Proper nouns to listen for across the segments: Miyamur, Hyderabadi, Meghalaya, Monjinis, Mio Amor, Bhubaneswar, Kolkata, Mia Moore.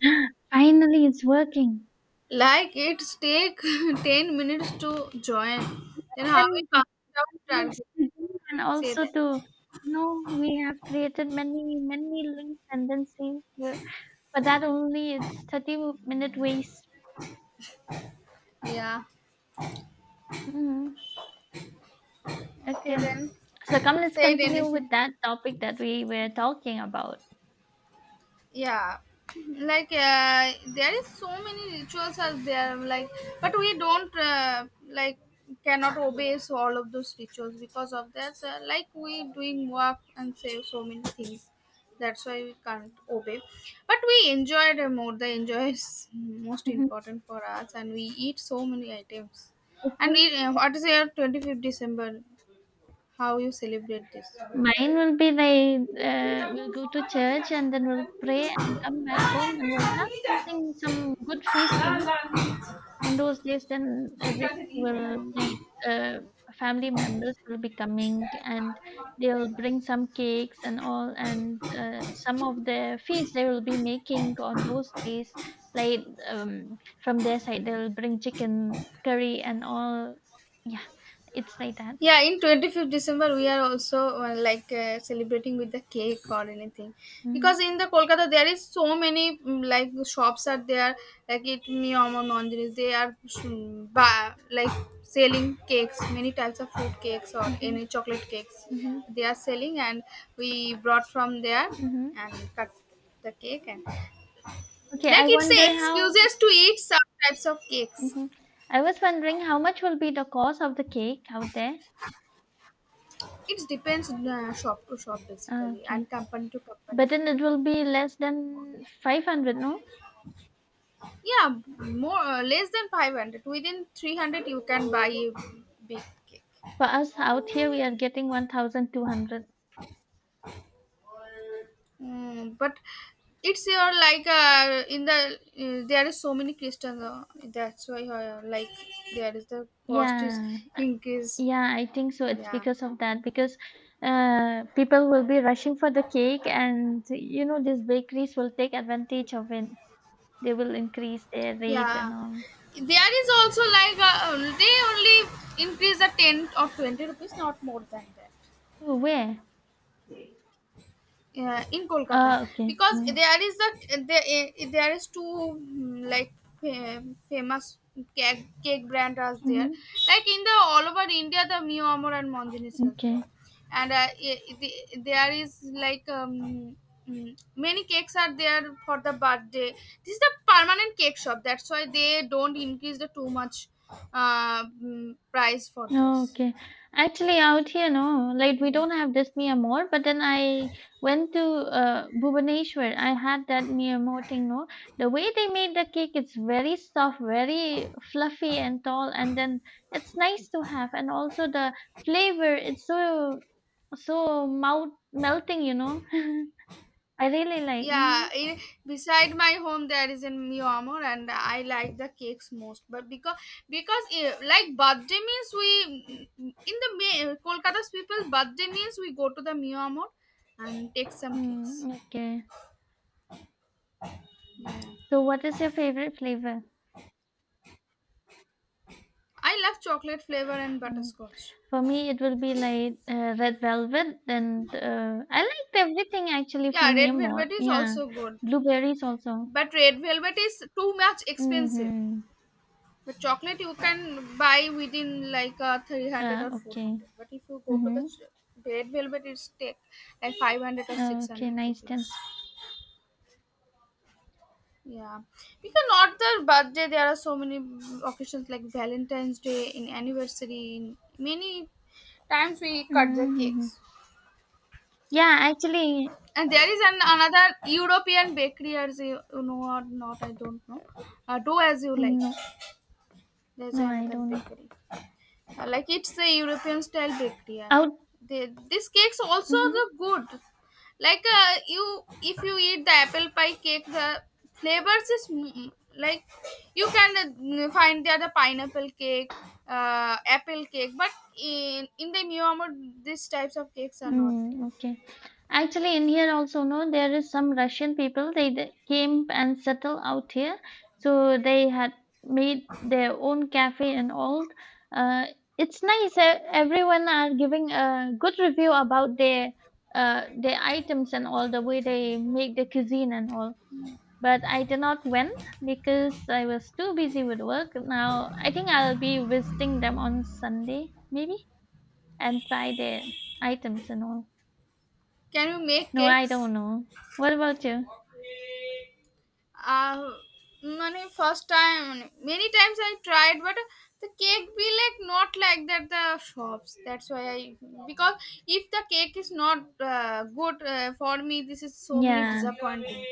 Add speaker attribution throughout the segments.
Speaker 1: Finally, it's working.
Speaker 2: Like it take 10 minutes to join. Then how
Speaker 1: Then
Speaker 2: we
Speaker 1: I
Speaker 2: fast out
Speaker 1: needs
Speaker 2: target?
Speaker 1: to do and
Speaker 2: Say
Speaker 1: also
Speaker 2: that.
Speaker 1: to know we have created many links and then see but that only it's 30-minute waste.
Speaker 2: Yeah.
Speaker 1: Mhm.
Speaker 2: Okay
Speaker 1: Okay.
Speaker 2: then.
Speaker 1: So come, let's
Speaker 2: Say it
Speaker 1: continue
Speaker 2: anything.
Speaker 1: with that topic that we were talking about.
Speaker 2: Yeah, like there is so many rituals are there, like, but we don't, like, cannot obey so all of those rituals, because of that, like, we doing work and say so many things, that's why we can't obey, but we enjoyed, more, the enjoy is most
Speaker 1: Mhm.
Speaker 2: important for us, and we eat so many items. And
Speaker 1: Okay.
Speaker 2: it, what is your 25th December? How you celebrate this?
Speaker 1: Mine will be they will go to church and then we'll pray and come back home and we'll have something, some good feast, you know. On those days then
Speaker 2: ঠিক
Speaker 1: every
Speaker 2: আছে নিয়ে
Speaker 1: will like family members will be coming and they'll
Speaker 2: যাই।
Speaker 1: bring some cakes and all and some of the feasts they will be making on those days like from their side they'll bring chicken curry and all. Yeah, it's like that.
Speaker 2: Yeah, in 25th December we are also, like, celebrating with the cake or anything,
Speaker 1: Mm-hmm.
Speaker 2: because in the Kolkata there is so many, like, shops are there, like it niyam or mandiris, they are, like, selling cakes, many types of fruit cakes or
Speaker 1: Mm-hmm.
Speaker 2: any chocolate cakes,
Speaker 1: Mm-hmm.
Speaker 2: they are selling, and we brought from there
Speaker 1: Mm-hmm.
Speaker 2: and cut the cake. And
Speaker 1: Okay,
Speaker 2: like
Speaker 1: I
Speaker 2: it's
Speaker 1: wonder
Speaker 2: a
Speaker 1: how.
Speaker 2: excuses to eat some types of cakes.
Speaker 1: Hmm. I was wondering how much will be the cost of the cake out there.
Speaker 2: It depends, shop to shop
Speaker 1: Ah,
Speaker 2: basically,
Speaker 1: okay.
Speaker 2: and company to
Speaker 1: But
Speaker 2: company.
Speaker 1: then it will be less than 500, no?
Speaker 2: Yeah, more, less than 500. Within 300 you can buy a big cake.
Speaker 1: For us out here, we are getting 1,200.
Speaker 2: But it's your, like, in the, there is so many Christians. That's why, like, there is the cost is
Speaker 1: Yeah,
Speaker 2: increase.
Speaker 1: yeah, I think so. It's
Speaker 2: Yeah,
Speaker 1: because of that, because people will be rushing for the cake, and you know, these bakeries will take advantage of it. They will increase their rate
Speaker 2: yeah.
Speaker 1: and all.
Speaker 2: There is also, like, they only increase the 10 or 20 rupees, not more than that.
Speaker 1: Oh, where?
Speaker 2: In Kolkata,
Speaker 1: Ah, okay.
Speaker 2: because
Speaker 1: Mm-hmm.
Speaker 2: there is a there, there is two, like, famous cake brand are there,
Speaker 1: Mm-hmm.
Speaker 2: like in the all over India, the Mio Amor and Monjinis is there.
Speaker 1: Okay.
Speaker 2: And, there is, like, many cakes are there for the birthday. This is the permanent cake shop, that's why they don't increase the too much, price for this.
Speaker 1: Okay. Actually, out here, no, like we
Speaker 2: Mm.
Speaker 1: don't have this Mia Moore, but then I went to Bhubaneswar. I had that Mia Moore thing, no. The way they made the cake, it's very soft, very fluffy and tall, and then it's nice to have. And also the flavor, it's so so mouth melting, you know. I really like.
Speaker 2: Yeah,
Speaker 1: Mm-hmm.
Speaker 2: beside my home there is in Mio Amor and I like the cakes most. But because like birthday means we in the Kolkata's people's birthday means we go to the Mio Amor and take some cakes.
Speaker 1: Mm, okay.
Speaker 2: Yeah.
Speaker 1: So, what is your favorite flavor?
Speaker 2: I love chocolate flavor and
Speaker 1: Mm.
Speaker 2: butterscotch.
Speaker 1: For me, it will be like Red Velvet, and I liked everything actually
Speaker 2: Yeah,
Speaker 1: from
Speaker 2: red velvet
Speaker 1: more.
Speaker 2: is
Speaker 1: Yeah,
Speaker 2: also good,
Speaker 1: blueberries also.
Speaker 2: but red velvet is too much expensive.
Speaker 1: Mm-hmm.
Speaker 2: But chocolate you can buy within like, 300 or
Speaker 1: Okay.
Speaker 2: 400. But if you go to the
Speaker 1: Mm-hmm.
Speaker 2: red velvet, it's take like 500 or
Speaker 1: Ah, okay,
Speaker 2: 600
Speaker 1: nice
Speaker 2: rupees.
Speaker 1: then.
Speaker 2: Yeah, because not the birthday, there are so many occasions like Valentine's Day, in anniversary, in many times we cut the
Speaker 1: Mm-hmm.
Speaker 2: cakes.
Speaker 1: Yeah, actually,
Speaker 2: And there is an another European bakery, as you know or not, I don't know. Do as you like.
Speaker 1: no,
Speaker 2: There's
Speaker 1: no, I
Speaker 2: another
Speaker 1: don't know.
Speaker 2: bakery. Yeah, like it's a European style bakery. Yeah.
Speaker 1: Out.
Speaker 2: This cake's also
Speaker 1: Mhm.
Speaker 2: the good. Like, if you eat the apple pie cake, the flavors is, like you can, find there the pineapple cake, apple cake. But in the Miyamur, these types of cakes are not there.
Speaker 1: Mm, okay. Actually, in here also, no, there is some Russian people. They came and settled out here, so they had made their own cafe and all. Uh, it's nice. Everyone are giving a good review about their items and all the way they make the cuisine and all. But I did not went because I was too busy with work. Now I think I'll be visiting them on Sunday maybe and try their items and all.
Speaker 2: Can you make
Speaker 1: No, I
Speaker 2: cakes?
Speaker 1: don't know. What about you?
Speaker 2: uh Many first time many times I tried, but the cake be like not like that the shops, that's why I because if the cake is not, good, for me this is so many
Speaker 1: Yeah.
Speaker 2: disappointing.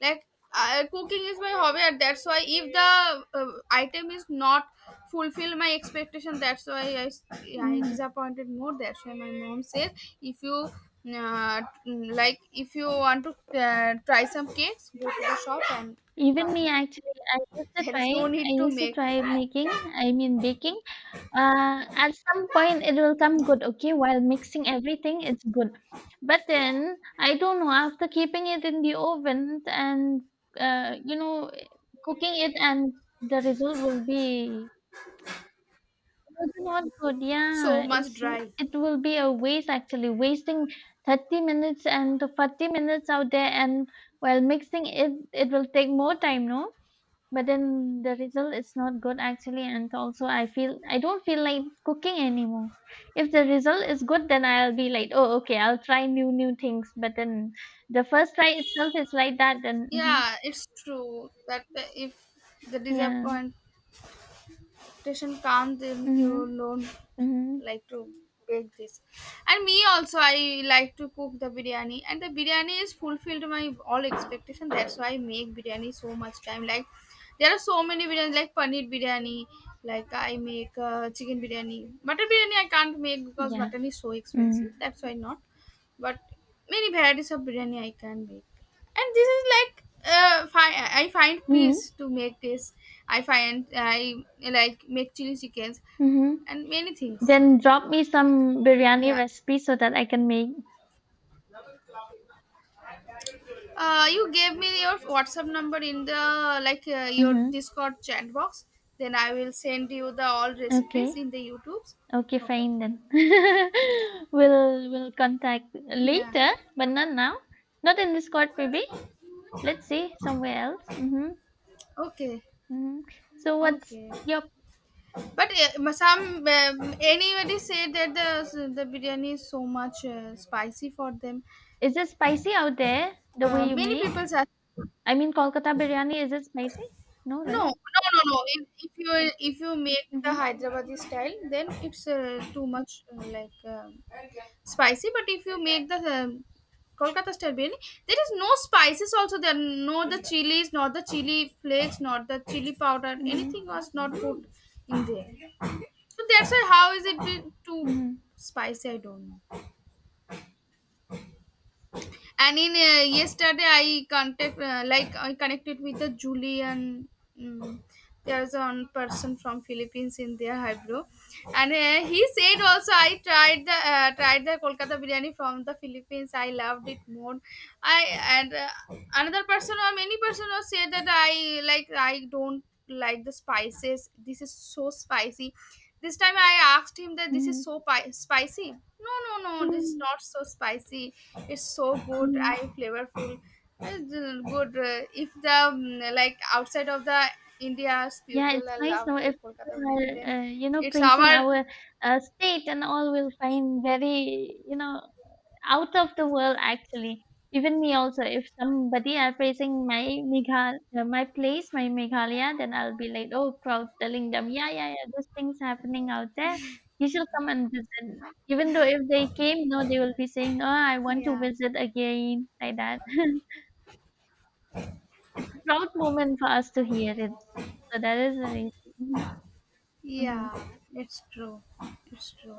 Speaker 2: Like, cooking is my hobby, and that's why if the, item is not fulfill my expectation, that's why I
Speaker 1: Mm.
Speaker 2: disappointed more, that's why my mom says, if you, like, if you want to, try some cakes, go to the shop and
Speaker 1: Even
Speaker 2: buy.
Speaker 1: me actually, I used to
Speaker 2: There is
Speaker 1: try,
Speaker 2: no
Speaker 1: I
Speaker 2: need to
Speaker 1: used to
Speaker 2: make.
Speaker 1: try making, I mean baking. At some point it will come good, okay? While mixing everything, it's good. But then I don't know, after keeping it in the oven and you know, cooking it and the result will be. Those are not good.
Speaker 2: So
Speaker 1: Yeah,
Speaker 2: much
Speaker 1: it's
Speaker 2: dry.
Speaker 1: it will be a waste actually, wasting 30 minutes and 40 minutes out there and while mixing it, it will take more time, no? But then the result is not good actually, and also I feel I don't feel like cooking anymore. If the result is good, then I'll be like, oh, okay, I'll try new things. But then the first try itself is like that, then mhm.
Speaker 2: Yeah, it's true that if the
Speaker 1: Yeah,
Speaker 2: disappoint expectation comes, then you
Speaker 1: mm-hmm.
Speaker 2: don't
Speaker 1: Mm-hmm.
Speaker 2: like to bake this. And me also, I like to cook the biryani, and the biryani is fulfilled my all expectation, that's why I make biryani so much time, like there are so many biryani, like paneer biryani, like I make, chicken biryani, mutton biryani I can't make because
Speaker 1: Yeah,
Speaker 2: mutton is so expensive,
Speaker 1: mm-hmm.
Speaker 2: that's why not. But many varieties of biryani I can make, and this is like, I find
Speaker 1: Mm-hmm.
Speaker 2: peace to make this. I like make chili chickens
Speaker 1: Mm-hmm.
Speaker 2: and many things.
Speaker 1: Then drop me some biryani
Speaker 2: Yeah.
Speaker 1: recipe so that I can make.
Speaker 2: You gave me your WhatsApp number in the, like, your
Speaker 1: Hmm.
Speaker 2: Discord chat box. Then I will send you the all recipes
Speaker 1: Okay.
Speaker 2: in the YouTube's.
Speaker 1: Okay,
Speaker 2: No problem.
Speaker 1: fine then.
Speaker 2: Yeah.
Speaker 1: We'll contact
Speaker 2: Yeah.
Speaker 1: later, but not now. Not in Discord, maybe. Let's see somewhere else. Mm-hmm.
Speaker 2: Okay.
Speaker 1: Mm-hmm. So what's
Speaker 2: Okay.
Speaker 1: your
Speaker 2: But, some, anybody said that the biryani is so much, spicy for them.
Speaker 1: is it spicy out there the way you
Speaker 2: Many people
Speaker 1: make?
Speaker 2: are.
Speaker 1: I mean, Kolkata biryani is it spicy? No,
Speaker 2: No,
Speaker 1: right?
Speaker 2: no, no, no. If you make the
Speaker 1: Mm-hmm.
Speaker 2: Hyderabadi style, then it's, too much, like spicy. But if you make the Kolkata style biryani, there is no spices. Also, there are no the chilies, not the chili flakes, not the chili powder.
Speaker 1: Mm-hmm.
Speaker 2: Anything was not put in there. So that's why how is it too
Speaker 1: Mm-hmm.
Speaker 2: spicy? I don't know. And in yesterday I contact like I connected with the Julian, mm, there's one person from Philippines in their hybro. And, he said also, I tried the Kolkata biryani from the Philippines, I loved it more. I And, another person or many person also said that, I don't like the spices, this is so spicy. This time I asked him that this is
Speaker 1: Mm-hmm.
Speaker 2: so spicy, no, no, no, this is
Speaker 1: Mm-hmm.
Speaker 2: not so spicy. It's so good,
Speaker 1: Mm-hmm.
Speaker 2: I flavorful. It's, good, if the, like outside of the India's
Speaker 1: Yeah,
Speaker 2: people
Speaker 1: it's
Speaker 2: I
Speaker 1: nice
Speaker 2: love
Speaker 1: now
Speaker 2: the
Speaker 1: if
Speaker 2: Kolkata
Speaker 1: people
Speaker 2: biryani,
Speaker 1: are,
Speaker 2: then
Speaker 1: you know,
Speaker 2: it's
Speaker 1: praising
Speaker 2: our.
Speaker 1: our state and all, we'll find very, you know, out of the world actually. Even me also, if somebody are praising my Meghal, my place, my Meghalaya, then I'll be like, oh, proud, telling them, yeah, yeah, yeah, this thing's happening out there. You should come and visit. Even though if they came, no, they will be saying, oh, I want to
Speaker 2: Yeah,
Speaker 1: visit again, like that. It's a proud moment for us to hear it. So that is the reason. Mhm.
Speaker 2: yeah, it's true. It's true.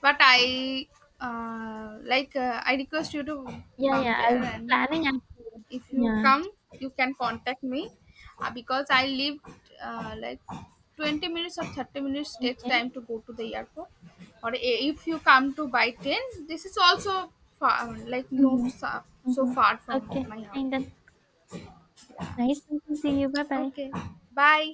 Speaker 2: But I request you to
Speaker 1: Yeah,
Speaker 2: come
Speaker 1: yeah, I'll
Speaker 2: there,
Speaker 1: be
Speaker 2: and
Speaker 1: planning actually.
Speaker 2: if you
Speaker 1: Yeah.
Speaker 2: come you can contact me, because I live, like, 20 minutes or 30 minutes takes
Speaker 1: Okay.
Speaker 2: time to go to the airport. Or if you come to by 10, this is also far, like no,
Speaker 1: Mm-hmm.
Speaker 2: so
Speaker 1: Mm-hmm.
Speaker 2: far from
Speaker 1: Okay.
Speaker 2: my
Speaker 1: And
Speaker 2: house.
Speaker 1: then nice talking to you. Bye bye.
Speaker 2: Okay. Bye.